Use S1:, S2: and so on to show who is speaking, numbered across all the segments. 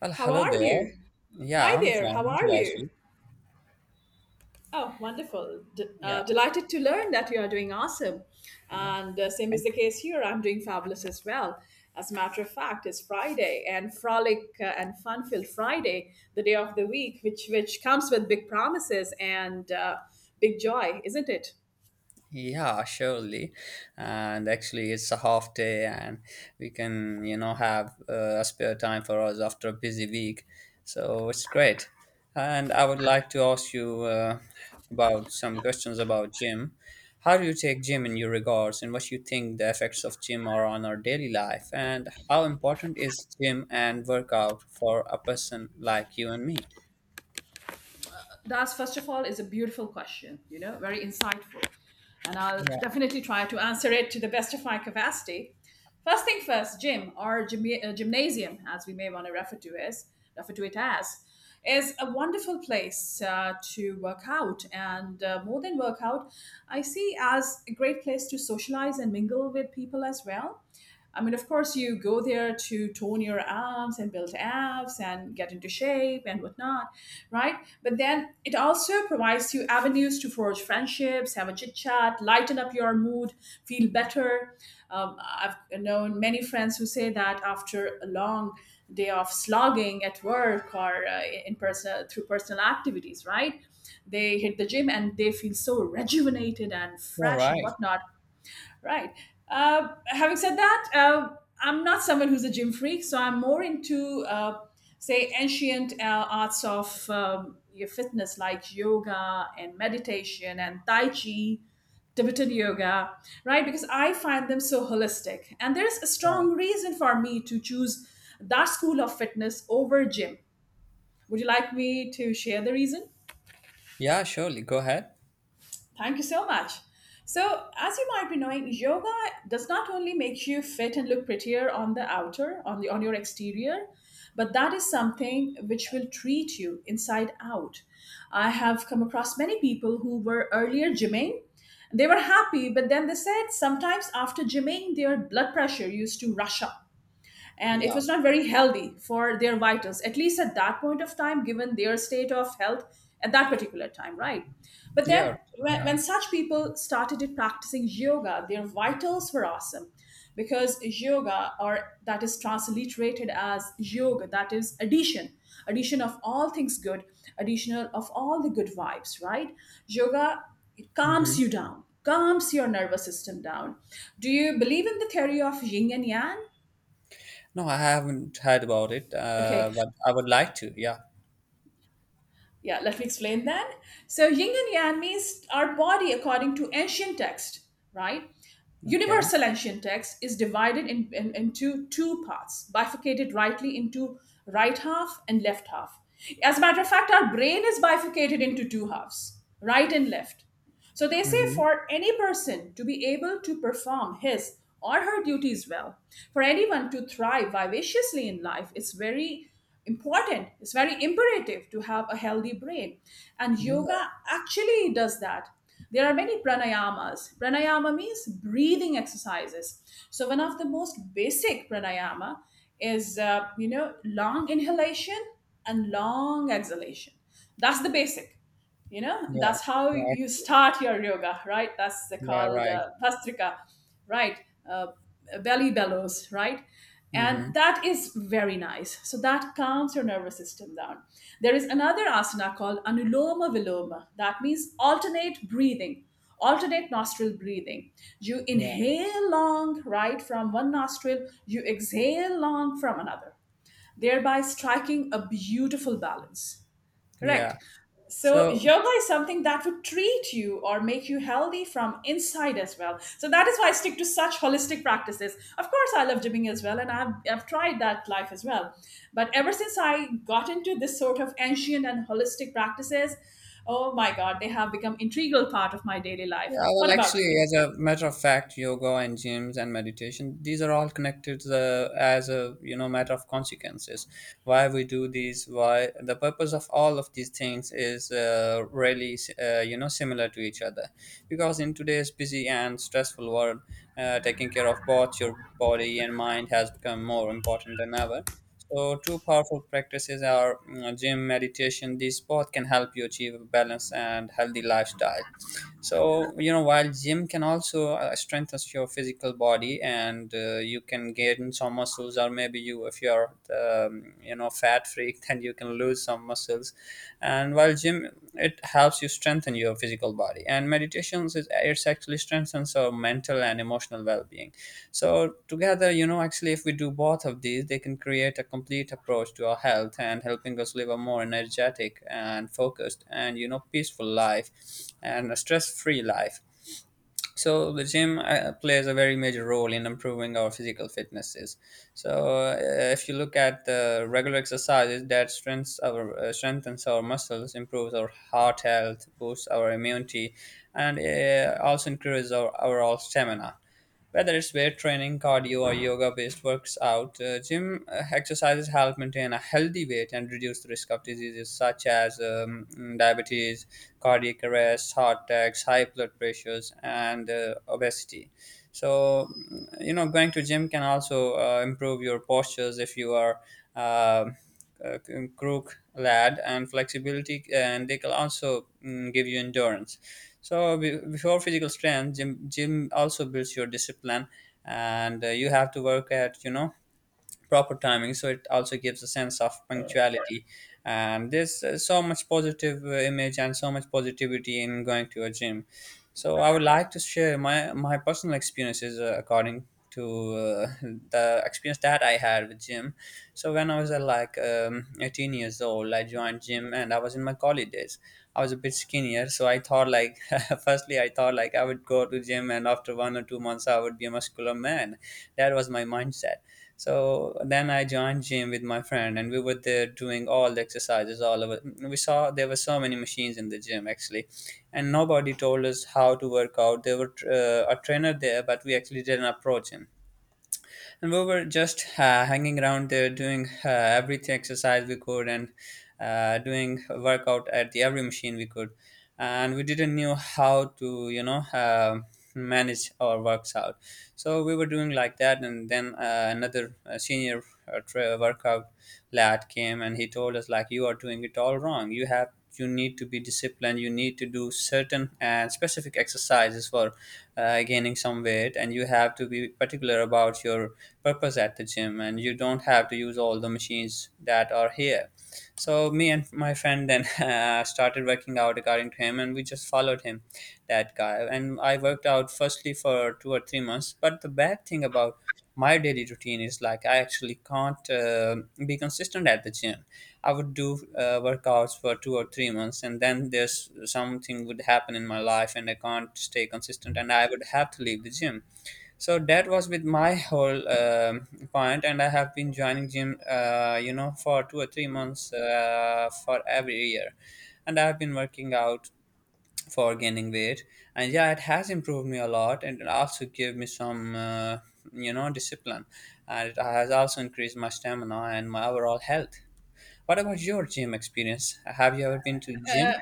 S1: Well,
S2: How
S1: hello
S2: are
S1: there.
S2: you?
S1: Yeah,
S2: Hi
S1: I'm
S2: there, how
S1: fine. What
S2: are
S1: about
S2: you?
S1: you?
S2: Oh, wonderful.
S1: Yeah,
S2: Delighted to learn that you are doing awesome.
S1: yeah.
S2: And same is
S1: Thank
S2: the case here. I'm doing fabulous as well. As a matter of fact, it's Friday and frolic and fun filled Friday, the day of the week, which comes with big promises and big joy, isn't it?
S1: Yeah, surely. And actually, it's a half day, and we can, have a spare time for us after a busy week. So it's great. And I would like to ask you about some questions about gym. How do you take gym in your regards, and what you think the effects of gym are on our daily life, and how important is gym and workout for a person like you and me?
S2: That's first of all is a beautiful question, you know, very insightful, and I'll definitely try to answer it to the best of my capacity. First thing first, gym or gymnasium, as we may want to refer to it as, is a wonderful place to work out, and more than work out, I see as a great place to socialize and mingle with people as well. I mean, of course, you go there to tone your abs and build abs and get into shape and whatnot, right? But then it also provides you avenues to forge friendships, have a chit chat, lighten up your mood, feel better. I've known many friends who say that after a long day of slogging at work or in person through personal activities, right? They hit the gym and they feel so rejuvenated and
S1: All
S2: fresh and
S1: right.
S2: whatnot. Right. Having said that, I'm not someone who's a gym freak, so I'm more into, say, ancient arts of your fitness, like yoga and meditation and tai chi, Tibetan yoga, right? Because I find them so holistic, and there's a strong reason for me to choose that school of fitness over gym. Would you like me to share the reason?
S1: Yeah, surely. Go ahead.
S2: Thank you so much. So, as you might be knowing, yoga does not only make you fit and look prettier on the outer, on your exterior, but that is something which will treat you inside out. I have come across many people who were earlier gymming. They were happy, but then they said sometimes after gymming, their blood pressure used to rush up, and it
S1: Yeah.
S2: was not very healthy for their vitals, at least at that point of time, given their state of health at that particular time, right? But
S1: Yeah.
S2: then when,
S1: Right.
S2: when such people started practicing yoga, their vitals were awesome, because yoga, or that is transliterated as yoga, that is addition, addition of all things good, additional of all the good vibes, right? Yoga, it
S1: Mm-hmm.
S2: calms you down, calms your nervous system down. Do you believe in the theory of yin and yang?
S1: No, I haven't heard about it,
S2: Okay.
S1: but I would like to. Yeah.
S2: Yeah, let me explain then. So, yin and yang means our body, according to ancient text, right?
S1: Okay.
S2: Universal ancient text is divided into two parts, bifurcated rightly into right half and left half. As a matter of fact, our brain is bifurcated into two halves, right and left. So they say
S1: Mm-hmm.
S2: for any person to be able to perform his or her duties well, for anyone to thrive vivaciously in life, it's very important, it's very imperative to have a healthy brain. And
S1: Yeah.
S2: yoga actually does that. There are many pranayamas. Pranayama means breathing exercises. So one of the most basic pranayama is you know, long inhalation and long exhalation. That's the basic, you know,
S1: Yeah.
S2: that's how
S1: Yeah.
S2: you
S1: Actually.
S2: start your yoga, right? That's the
S1: Yeah.
S2: called
S1: Right.
S2: vastrika, right? uh, Belly bellows, right? And
S1: Mm-hmm.
S2: that is very nice, so that calms your nervous system down. There is another asana called anuloma viloma, that means alternate breathing, alternate nostril breathing. You
S1: Yeah.
S2: inhale long right from one nostril, you exhale long from another, thereby striking a beautiful balance. Correct.
S1: Yeah.
S2: So,
S1: So
S2: yoga is something that would treat you or make you healthy from inside as well. So, that is why I stick to such holistic practices. Of course, I love gymming as well, and I've tried that life as well. But ever since I got into this sort of ancient and holistic practices, oh my God, they have become integral part of my daily life.
S1: Yeah, well,
S2: What about
S1: actually,
S2: you?
S1: as a matter of fact, yoga and gyms and meditation, these are all connected, as a, matter of consequences. Why we do these? Why the purpose of all of these things is really, similar to each other, because in today's busy and stressful world, taking care of both your body and mind has become more important than ever. So, two powerful practices are, gym, meditation. These both can help you achieve a balanced and healthy lifestyle. So, while gym can also strengthen your physical body, and you can gain some muscles, or maybe you, if you're, fat freak, then you can lose some muscles. And while gym it helps you strengthen your physical body, and meditations, is it's actually strengthens our mental and emotional well-being. So together, actually, if we do both of these, they can create a complete approach to our health, and helping us live a more energetic and focused and, peaceful life, and a stress-free life. So the gym plays a very major role in improving our physical fitnesses. So, if you look at the regular exercises that strengthens our muscles, improves our heart health, boosts our immunity, and also increases our overall stamina. Whether it's weight training, cardio, or yoga based works out, gym exercises help maintain a healthy weight and reduce the risk of diseases such as, diabetes, cardiac arrest, heart attacks, high blood pressures, and obesity. So, going to gym can also improve your postures if you are, uh, a crook lad, and flexibility, and they can also, give you endurance. So before physical strength, gym also builds your discipline, and you have to work at, proper timing, so it also gives a sense of punctuality. And there's so much positive image and so much positivity in going to a gym. So I would like to share my personal experiences, according to, uh, the experience that I had with gym. So when I was, like, 18 years old, I joined gym, and I was in my college days. I was a bit skinnier, so I thought, like, firstly I thought, like, I would go to gym, and after 1 or 2 months I would be a muscular man. That was my mindset. So then I joined gym with my friend, and we were there doing all the exercises all over. We saw there were so many machines in the gym actually, and nobody told us how to work out. There were, a trainer there, but we actually didn't approach him, and we were just hanging around there doing everything exercise we could, and doing a workout at the every machine we could, and we didn't know how to, manage our works out. So we were doing like that, and then another senior, workout lad came, and he told us, like, you are doing it all wrong, you need to be disciplined, you need to do certain and specific exercises for gaining some weight, and you have to be particular about your purpose at the gym, and you don't have to use all the machines that are here. So me and my friend then, started working out according to him, and we just followed him, that guy, and I worked out firstly for 2 or 3 months. But the bad thing about my daily routine is, like, I actually can't be consistent at the gym. I would do workouts for 2 or 3 months, and then there's something would happen in my life, and I can't stay consistent, and I would have to leave the gym. So that was with my whole, point, and I have been joining gym, for 2 or 3 months, for every year, and I've been working out for gaining weight. And yeah, it has improved me a lot, and it also gave me some, discipline, and it has also increased my stamina and my overall health. What about your gym experience? Have you ever been to the gym?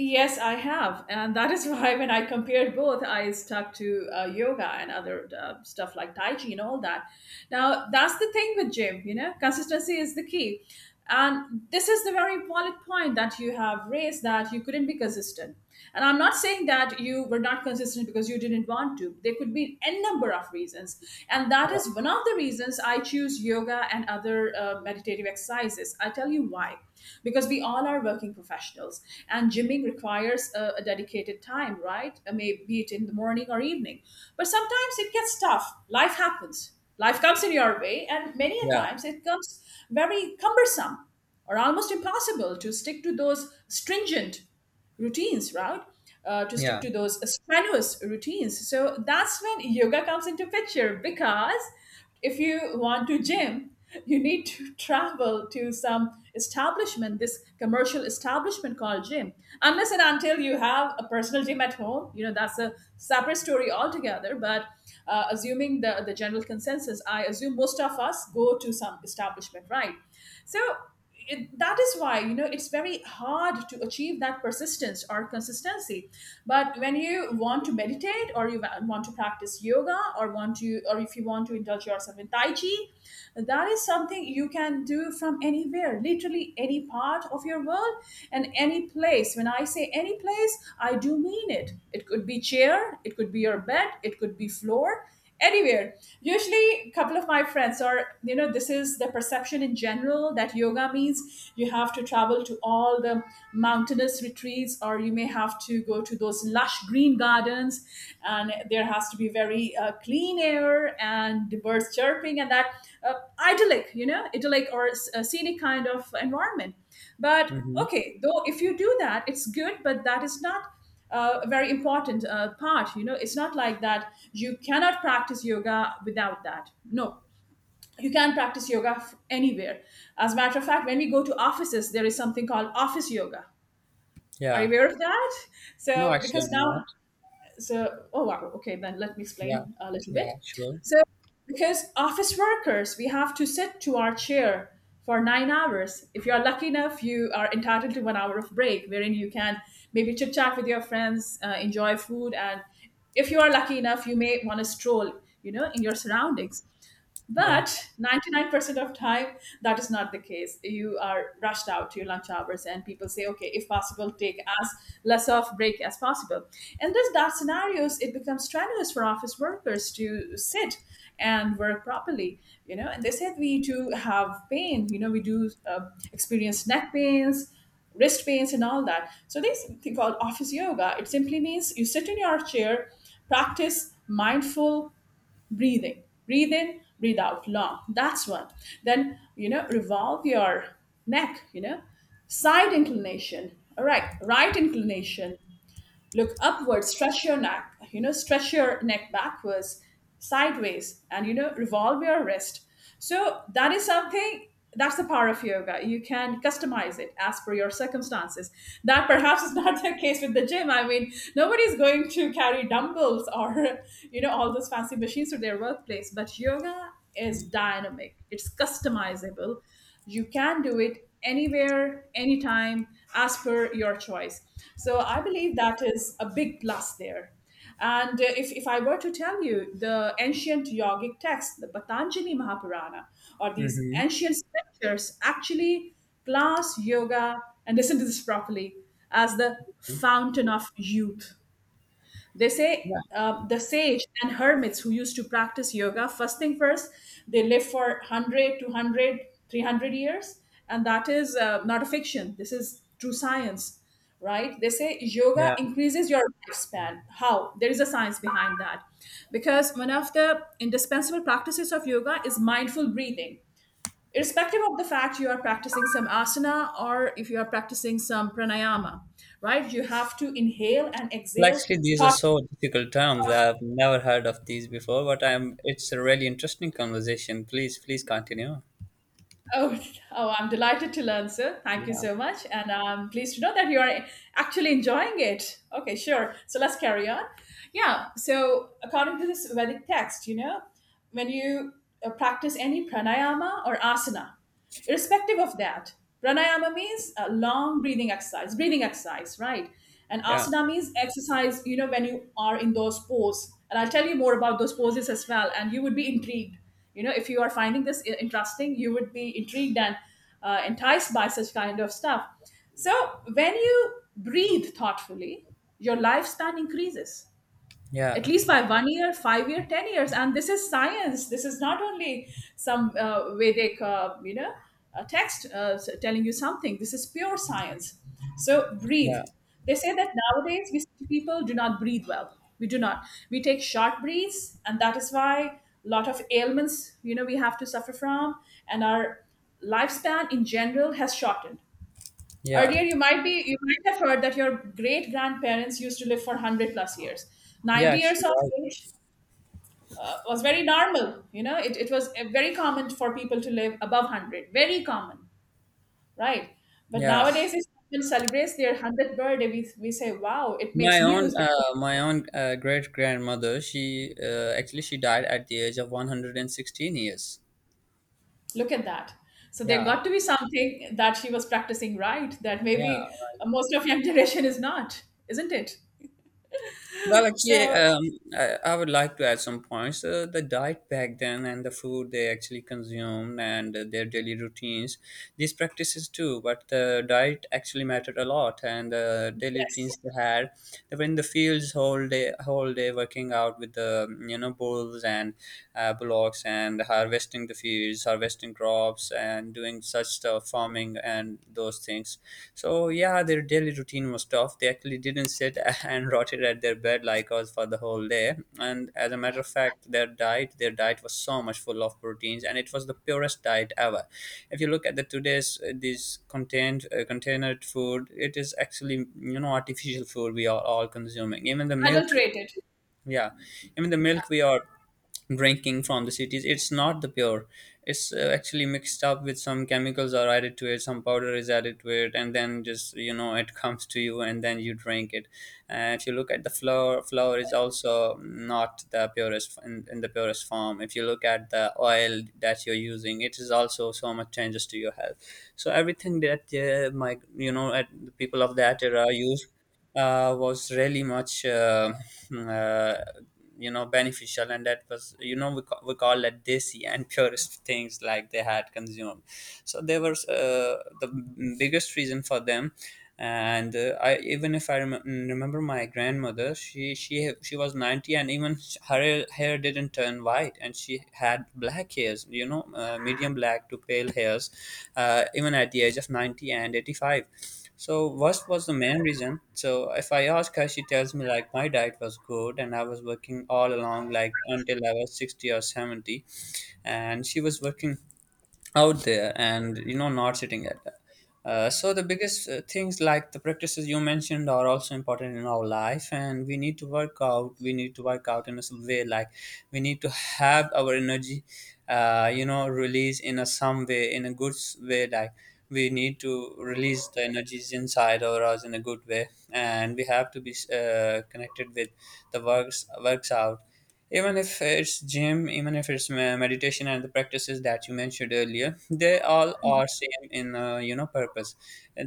S2: Yes, I have. And that is why when I compared both, I stuck to yoga and other stuff like Tai Chi and all that. Now, that's the thing with gym, you know, consistency is the key. And this is the very valid point that you have raised, that you couldn't be consistent. And I'm not saying that you were not consistent because you didn't want to. There could be n number of reasons. And that
S1: Yeah,
S2: is one of the reasons I choose yoga and other meditative exercises. I tell you why. Because we all are working professionals, and gymming requires a dedicated time, right? May be it in the morning or evening. But sometimes it gets tough. Life happens. Life comes in your way, and many a
S1: yeah,
S2: times it comes very cumbersome or almost impossible to stick to those stringent routines, right? To stick
S1: yeah.
S2: to those strenuous routines. So that's when yoga comes into picture, because if you want to gym, you need to travel to some establishment, this commercial establishment called gym. Unless and until you have a personal gym at home, you know, that's a separate story altogether. But assuming the general consensus, I assume most of us go to some establishment, right? So it, that is why, you know, it's very hard to achieve that persistence or consistency. But when you want to meditate or you want to practice yoga or want to, or if you want to indulge yourself in tai chi, that is something you can do from anywhere, literally any part of your world and any place. When I say any place, I do mean it. It could be chair, it could be your bed, it could be floor, anywhere. Usually a couple of my friends are, you know, this is the perception in general that yoga means you have to travel to all the mountainous retreats, or you may have to go to those lush green gardens, and there has to be very clean air and the birds chirping and that uh, idyllic, you know, idyllic or a scenic kind of environment. But
S1: Hmm.
S2: okay, though, if you do that, it's good, but that is not a very important part. You know, it's not like that you cannot practice yoga without that. No, you can practice yoga anywhere. As a matter of fact, when we go to offices, there is something called office yoga. Are you
S1: Yeah.
S2: aware of that?
S1: No,
S2: So,
S1: actually,
S2: because
S1: I'm not.
S2: now, so oh wow, okay, then let me
S1: Yeah,
S2: explain a little
S1: yeah,
S2: bit.
S1: sure,
S2: So, because office workers, we have to sit to our chair for 9 hours. If you are lucky enough, you are entitled to 1 hour of break, wherein you can maybe chit chat with your friends, enjoy food, and if you are lucky enough, you may want to stroll, you know, in your surroundings.
S1: yeah.
S2: But 99% of time, that is not the case. You are rushed out to your lunch hours, and people say, okay, if possible, take as less of break as possible. And this that scenarios, it becomes strenuous for office workers to sit and work properly, you know. And they said we do have pain, you know, we do experience neck pains, wrist pains and all that. So this thing called office yoga, it simply means you sit in your chair, practice mindful breathing, breathe in, breathe out long, that's one. Then, you know, revolve your neck, you know, side inclination, all right, right inclination, look upwards, stretch your neck, you know, stretch your neck backwards, sideways, and you know, revolve your wrist. So that is something, that's the power of yoga. You can customize it as per your circumstances. That perhaps is not the case with the gym. I mean, nobody's going to carry dumbbells or you know, all those fancy machines to their workplace. But yoga is dynamic, it's customizable, you can do it anywhere, anytime, as per your choice. So I believe that is a big plus there. And if I were to tell you the ancient yogic text, the Patanjali Mahapurana, or these
S1: Mm-hmm.
S2: ancient scriptures actually class yoga, and listen to this properly, as the fountain of youth. They
S1: Yeah,
S2: say the sage and hermits who used to practice yoga, first thing first, they live for 100, 200, 300 years. And that is not a fiction. This is true science, right? They say yoga
S1: yeah.
S2: increases your lifespan. How? There is a science behind that. Because one of the indispensable practices of yoga is mindful breathing, irrespective of the fact you are practicing some asana or if you are practicing some pranayama, right? You have to inhale and
S1: Well,
S2: exhale
S1: actually, these are
S2: thought,
S1: so difficult terms.
S2: thoughtfully.
S1: I've never heard of these before, but I'm. It's a really interesting conversation. Please, please continue.
S2: Oh, oh, I'm delighted to learn, sir. Thank you
S1: Yeah,
S2: so much. And I'm pleased to know that you are actually enjoying it. Okay, sure. So let's carry on. Yeah, so according to this Vedic text, when you practice any pranayama or asana. Irrespective of that, pranayama means a long breathing exercise, right? And
S1: yeah,
S2: asana means exercise, when you are in those poses. And I'll tell you more about those poses as well. And you would be intrigued. If you are finding this interesting, you would be intrigued and enticed by such kind of stuff. So when you breathe thoughtfully, your lifespan increases at
S1: yeah,
S2: least by 1 year, 5 year, 10 years. And this is science. This is not only some Vedic, a text telling you something. This is pure science. So breathe.
S1: yeah,
S2: They say that nowadays we see people do not breathe well. We do not. We take short breaths, and that is why a lot of ailments, we have to suffer from, and our lifespan in general has shortened.
S1: yeah,
S2: Earlier, you might have heard that your great grandparents used to live for 100 plus years.
S1: yeah.
S2: 90 years
S1: Actually,
S2: of
S1: right.
S2: age was very normal. It was very common for people to live above 100. Very common, right? But
S1: Yeah,
S2: nowadays, if someone celebrates their one 100th birthday, we say, "Wow, it
S1: my
S2: makes
S1: own,
S2: news."
S1: uh, my own uh, great grandmother. She actually she died at the age of 116 years.
S2: Look at that. So there
S1: Yeah,
S2: got to be something that she was practicing, right, that
S1: yeah.
S2: maybe most of young generation is not, isn't it?
S1: Well, actually,
S2: So
S1: I would like to add some points. The diet back then and the food they actually consumed, and their daily routines, these practices too, but the diet actually mattered a lot, and the daily routines
S2: yes,
S1: they had. They were in the fields whole day working out with the, bulls and bullocks, and harvesting the fields, harvesting crops, and doing such stuff, farming and those things. So yeah, their daily routine was tough. They actually didn't sit and rotted at their bed like us for the whole day. And as a matter of fact, their diet was so much full of proteins, and it was the purest diet ever. If you look at the today's, this contained, containered food, it is actually, artificial food we are all consuming. Even the milk,
S2: adulterated.
S1: yeah, even the milk we are drinking from the cities, it's not the pure. It's actually mixed up with some chemicals are added to it, some powder is added to it, and then just, it comes to you, and then you drink it. And if you look at the flour is also not the purest, in the purest form. If you look at the oil that you're using, it is also so much changes to your health. So everything that, my, at the people of that era used, was really much, uh, beneficial, and that was, we call it desi, and purest things like they had consumed. So there was, the biggest reason for them, and I, even if I remember my grandmother, she was 90, and even her hair didn't turn white, and she had black hairs, medium black to pale hairs, even at the age of 90 and 85. So what was the main reason? So if I ask her, she tells me, like, my diet was good, and I was working all along like until I was 60 or 70, and she was working out there, and not sitting at that. So the biggest things like the practices you mentioned are also important in our life, and we need to work out in a some way like we need to have our energy release in a some way in a good way like we need to release the energies inside of us in a good way, and we have to be connected with the works out, even if it's gym, even if it's meditation and the practices that you mentioned earlier. They all are same in purpose.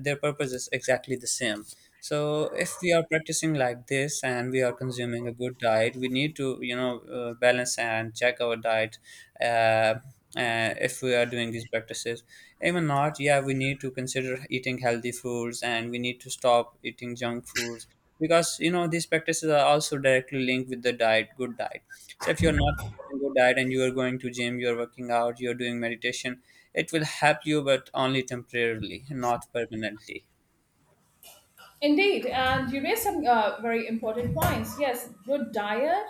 S1: Their purpose is exactly the same. So if we are practicing like this and we are consuming a good diet, we need to balance and check our diet. uh, if we are doing these practices, even not, yeah, we need to consider eating healthy foods, and we need to stop eating junk foods, because these practices are also directly linked with the diet, good diet. So if you're not having a good diet and you are going to gym, you're working out, you're doing meditation, it will help you, but only temporarily, not permanently.
S2: Indeed, and you raised some very important points. Yes, good diet,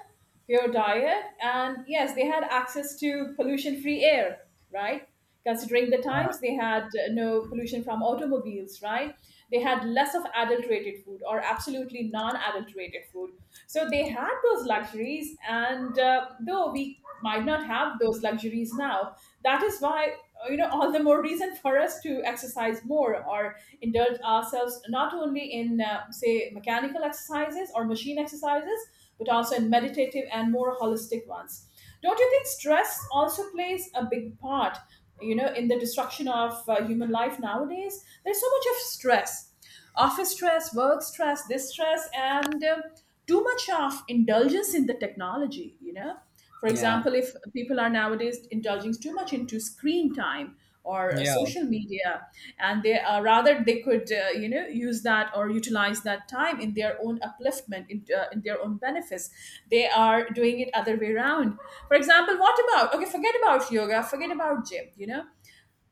S2: pure diet, and yes, they had access to pollution free air, right? Considering the
S1: Yeah,
S2: times, they had no pollution from automobiles, right? They had less of adulterated food or absolutely non adulterated food. So they had those luxuries, and though we might not have those luxuries now, that is why all the more reason for us to exercise more or indulge ourselves not only in say mechanical exercises or machine exercises, but also in meditative and more holistic ones. Don't you think stress also plays a big part, in the destruction of human life nowadays? There's so much of stress: office stress, work stress, this stress, and too much of indulgence in the technology. For
S1: yeah,
S2: example, if people are nowadays indulging too much into screen time or
S1: yeah,
S2: social media, and they are rather they could use that or utilize that time in their own upliftment, in their own benefits. They are doing it other way around. For example, what about, okay? Forget about yoga. Forget about gym. You know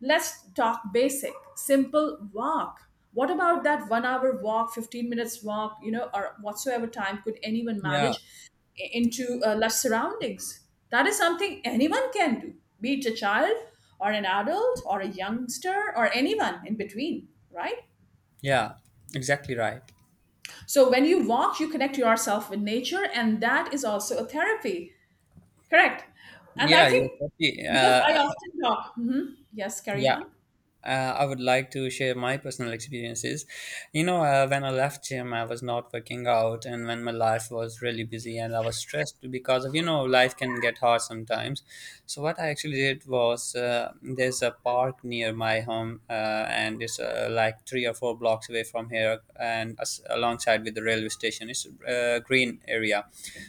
S2: Let's talk basic, simple walk. What about that 1 hour walk, 15 minutes walk, or whatsoever time could anyone
S1: yeah,
S2: manage into less surroundings? That is something anyone can do, be it a child or an adult or a youngster or anyone in between, right?
S1: yeah. Exactly right.
S2: So when you walk, you connect yourself with nature, and that is also a therapy, correct? And I
S1: Yeah, you're
S2: think,
S1: totally,
S2: because I often talk. Mhm. Yes, carry
S1: yeah.
S2: on.
S1: I would like to share my personal experiences. When I left gym, I was not working out, and when my life was really busy and I was stressed because of life can get hard sometimes. So what I actually did was there's a park near my home, and it's like three or four blocks away from here, and alongside with the railway station, it's a green area.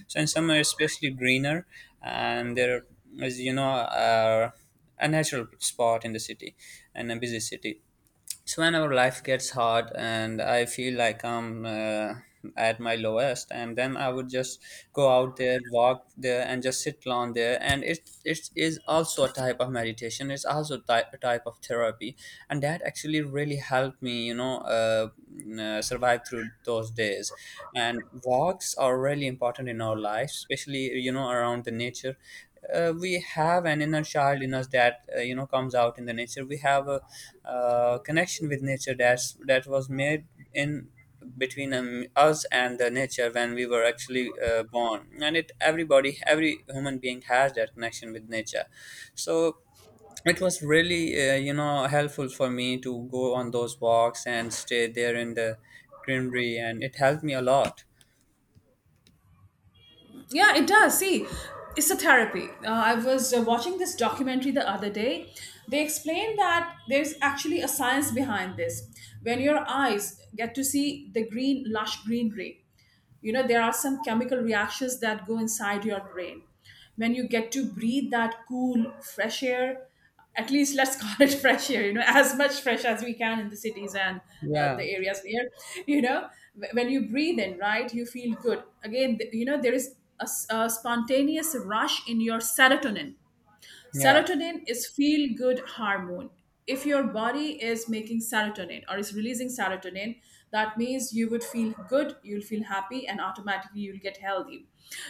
S1: So in summer, especially greener, and there is a natural spot in the city, in a busy city. So whenever life gets hard and I feel like I'm at my lowest, and then I would just go out there, walk there, and just sit alone there. And it is also a type of meditation. It's also a type of therapy, and that actually really helped me, survive through those days. And walks are really important in our lives, especially around the nature. We have an inner child in us that comes out in the nature. We have a connection with nature that was made in between us and the nature when we were actually born. And it everybody every human being has that connection with nature. So it was really helpful for me to go on those walks and stay there in the greenery, and it helped me a lot.
S2: Yeah, it does. See, it's a therapy. I was watching this documentary the other day. They explained that there's actually a science behind this. When your eyes get to see the green, lush greenery, there are some chemical reactions that go inside your brain when you get to breathe that cool fresh air, at least let's call it fresh air, as much fresh as we can in the cities and
S1: Yeah,
S2: the areas here. you know when you breathe in, right, you feel good again. There is a spontaneous rush in your serotonin.
S1: yeah,
S2: Serotonin is feel good hormone. If your body is making serotonin or is releasing serotonin, that means you would feel good, you'll feel happy, and automatically you'll get healthy.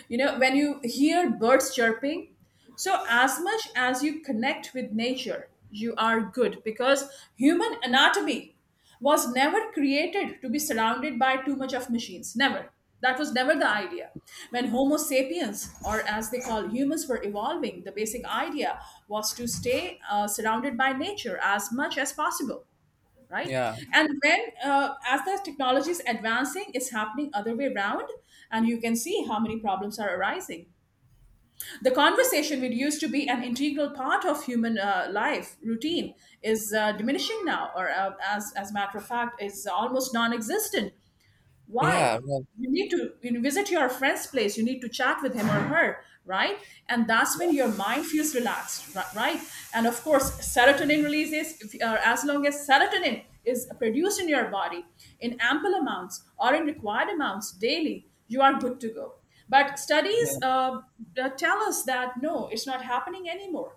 S2: When you hear birds chirping, so as much as you connect with nature, you are good, because human anatomy was never created to be surrounded by too much of machines. Never. That was never the idea. When Homo sapiens, or as they call humans, were evolving, the basic idea was to stay surrounded by nature as much as possible, right.
S1: yeah,
S2: And when as the technology is advancing, it's happening other way around, and you can see how many problems are arising. The conversation, which used to be an integral part of human life routine, is diminishing now, or as a matter of fact, is almost non-existent. Why?
S1: yeah. Well,
S2: You need to, visit your friend's place. You need to chat with him or her, right. And that's when your mind feels relaxed, right. And of course serotonin releases, if, as long as serotonin is produced in your body in ample amounts or in required amounts daily, you are good to go. But studies
S1: yeah.
S2: tell us that no, it's not happening anymore.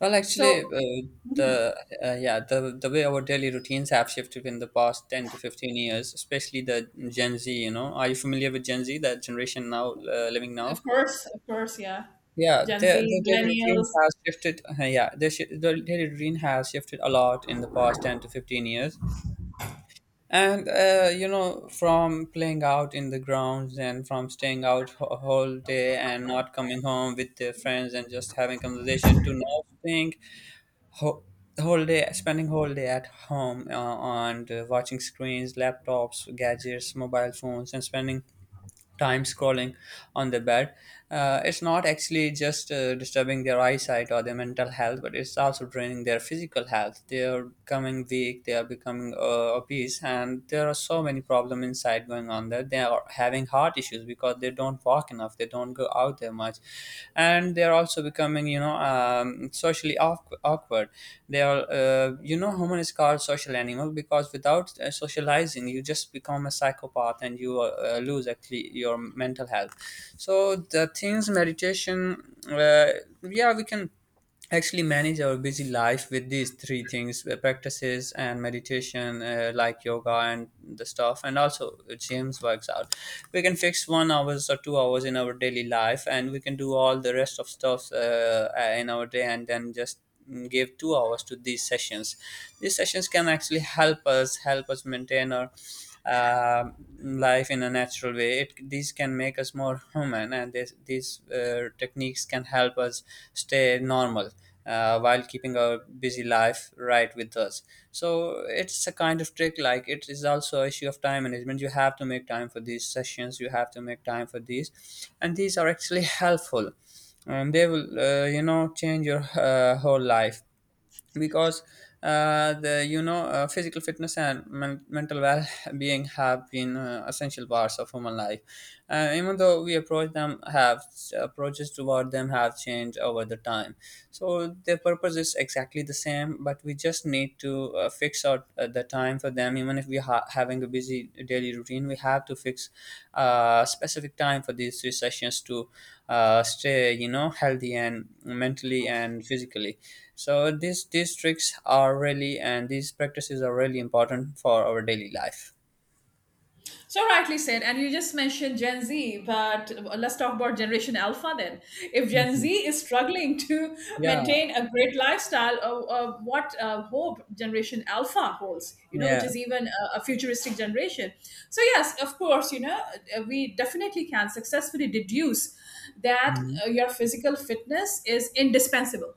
S1: Well, actually,
S2: So
S1: the yeah the way our daily routines have shifted in the past 10 to 15 years, especially the Gen Z. You know, are you familiar with Gen Z, that generation now living now?
S2: of course, of course. Yeah.
S1: Yeah,
S2: Gen
S1: their
S2: Z,
S1: daily routine
S2: millennials.
S1: has shifted. Yeah, their daily routine has shifted a lot in the past 10 to 15 years. And from playing out in the grounds, and from staying out whole day and not coming home with their friends and just having conversation, to now staying ho- whole day, spending whole day at home and watching screens, laptops, gadgets, mobile phones, and spending time scrolling on the bed. It's not actually just disturbing their eyesight or their mental health, but it's also draining their physical health. They are becoming weak, they are becoming obese, and there are so many problems inside going on there. They are having heart issues because they don't walk enough, they don't go out there much much, and they're also becoming socially awkward. They are human is called social animal, because without socializing you just become a psychopath, and you lose actually your mental health. So the things meditation, uh, yeah, we can actually manage our busy life with these three things, practices and meditation, like yoga and the stuff, and also james works out. We can fix 1 hours or 2 hours in our daily life, and we can do all the rest of stuff in our day, and then just give 2 hours to these sessions. These sessions can actually help us maintain our uh, life in a natural way. These can make us more human, and these techniques can help us stay normal while keeping our busy life right with us. So it's a kind of trick. Like, it is also an issue of time management. You have to make time for these sessions. You have to make time for these, and these are actually helpful. And they will, change your whole life, because the physical fitness and mental well-being have been essential parts of human life. Even though we approaches toward them have changed over the time. So their purpose is exactly the same, but we just need to fix out the time for them. Even if we are having a busy daily routine, we have to fix specific time for these three sessions to stay healthy, and mentally and physically. So these tricks are really, and these practices are really important for our daily life.
S2: So rightly said, and you just mentioned Gen Z, but let's talk about Generation Alpha then. If Gen
S1: Hmm.
S2: Z is struggling to
S1: Yeah,
S2: maintain a great lifestyle, what hope Generation Alpha holds, which
S1: yeah.
S2: is even a futuristic generation. So yes, of course, we definitely can successfully deduce that
S1: Hmm,
S2: your physical fitness is indispensable.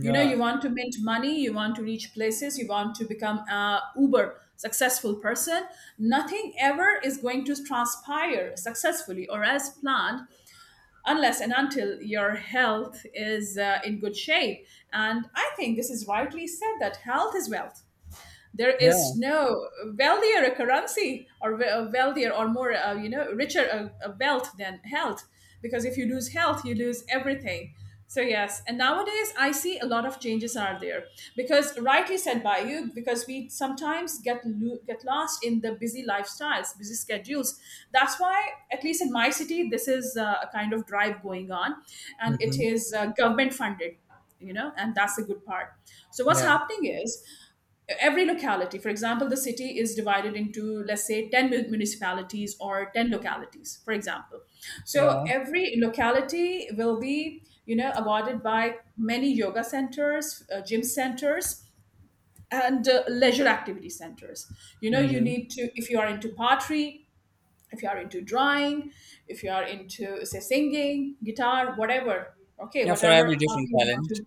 S2: You want to mint money, you want to reach places, you want to become a uber successful person. Nothing ever is going to transpire successfully or as planned, unless and until your health is in good shape. And I think this is rightly said, that health is wealth. There
S1: yeah.
S2: is no wealthier a currency, or wealthier or more richer a wealth than health, because if you lose health, you lose everything. So yes, and nowadays I see a lot of changes are there, because rightly said by you, because we sometimes get lost in the busy lifestyles, busy schedules. That's why at least in my city this is a kind of drive going on, and it
S1: Hmm,
S2: is government funded, and that's the good part. So what's
S1: yeah,
S2: happening is, every locality, for example, the city is divided into, let's say, 10 municipalities or 10 localities, for example. So
S1: yeah.
S2: every locality will be, awarded by many yoga centers, gym centers, and leisure activity centers. You
S1: Hmm,
S2: need to, if you are into pottery, if you are into drawing, if you are into say singing, guitar, whatever, okay,
S1: yeah. For
S2: whatever
S1: every
S2: hobby
S1: different
S2: you want
S1: talent.
S2: to,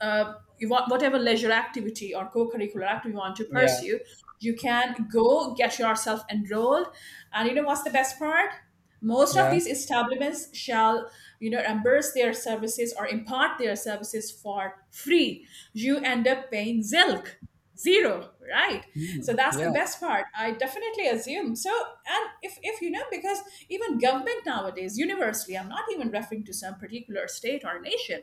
S2: you want, whatever leisure activity or co-curricular activity you want to
S1: Yeah,
S2: pursue, you can go, get yourself enrolled. And you know what's the best part? Most of
S1: yeah.
S2: these establishments shall, reimburse their services or impart their services for free. You end up paying zilch, zero, right?
S1: Mm,
S2: So that's the
S1: yeah,
S2: best part, I definitely assume so. And if, because even government nowadays universally, I'm not even referring to some particular state or nation,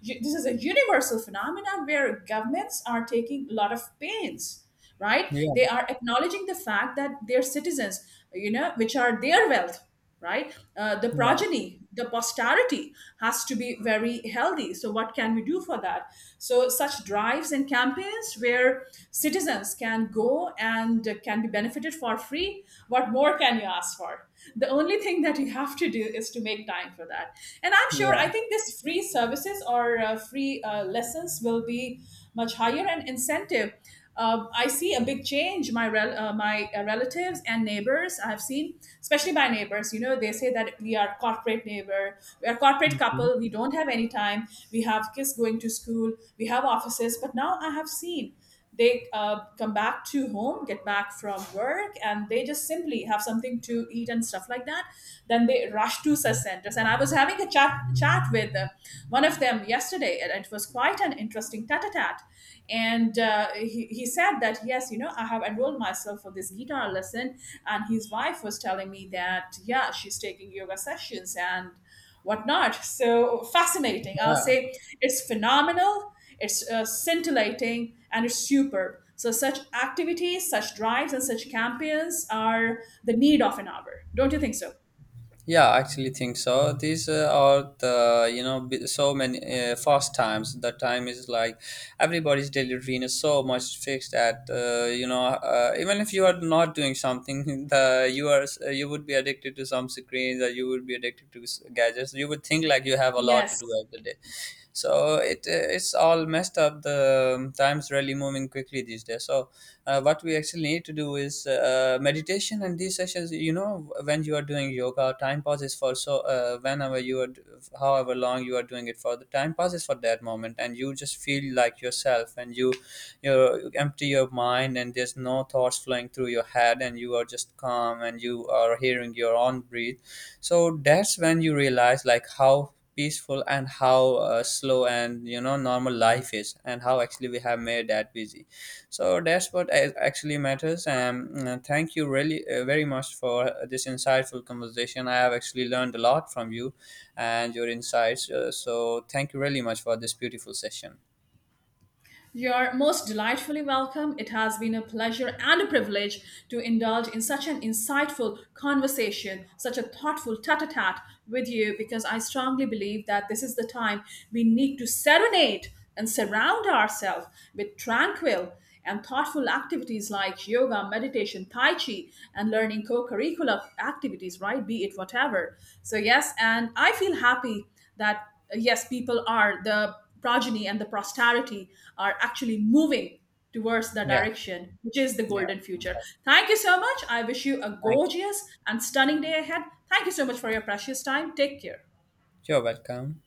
S2: this is a universal phenomenon where governments are taking a lot of pains, right?
S1: yeah,
S2: They are acknowledging the fact that their citizens, which are their wealth, right, the
S1: yeah,
S2: progeny, the posterity, has to be very healthy. So what can we do for that? So such drives and campaigns where citizens can go and can be benefited for free, what more can you ask for? The only thing that you have to do is to make time for that. And I'm sure, I
S1: yeah.
S2: think this free services, or free lessons, will be much higher an incentive. I see a big change. My relatives and neighbors, I've seen, especially my neighbors. They say that we are corporate neighbor, we are corporate
S1: Mhm.
S2: couple. We don't have any time. We have kids going to school. We have offices. But now I have seen, they come back to home, get back from work, and they just simply effectively have something to eat and stuff like that. Then they rush to such centers. And I was having a chat with one of them yesterday, and it was quite an interesting tat-a-tat. And he said that, yes, I have enrolled myself for this guitar lesson. And his wife was telling me that, yeah, she's taking yoga sessions and whatnot. So fascinating, I'll say. It's phenomenal, it's scintillating, and it's superb. So such activities, such drives, and such campaigns are the need of an hour. Don't you think so?
S1: Yeah, I actually think so. These are the so many fast times. The time is like everybody's daily routine is so much fixed that even if you are not doing something, the you are s- you would be addicted to some screens, or you would be addicted to gadgets. You would think like you have a lot to do
S2: Yes.
S1: every day. So it's all messed up. The time's really moving quickly these days. So what we actually need to do is meditation and these sessions. You know, when you are doing yoga, time pauses, for, so whenever you are however long you are doing it for, the time pauses for that moment, and you just feel like yourself, and you empty your mind, and there's no thoughts flowing through your head, and you are just calm, and you are hearing your own breath. So that's when you realize like how peaceful and how slow and normal life is, and how actually we have made that busy. So that's what actually matters. And thank you really very much for this insightful conversation. I have actually learned a lot from you and your insights. So thank you really much for this beautiful session.
S2: You're most delightfully welcome. It has been a pleasure and a privilege to indulge in such an insightful conversation, such a thoughtful tete a tete with you, because I strongly believe that this is the time we need to serenade and surround ourselves with tranquil and thoughtful activities like yoga, meditation, tai chi, and learning co-curricular activities, right? Be it whatever. So yes, and I feel happy that, yes, people are, the progeny and the posterity are actually moving towards the
S1: Yeah,
S2: direction which is the
S1: yeah.
S2: golden future. Thank you so much. I wish you a
S1: Thank you.
S2: gorgeous and stunning day ahead. Thank you so much for your precious time. Take care.
S1: You're welcome.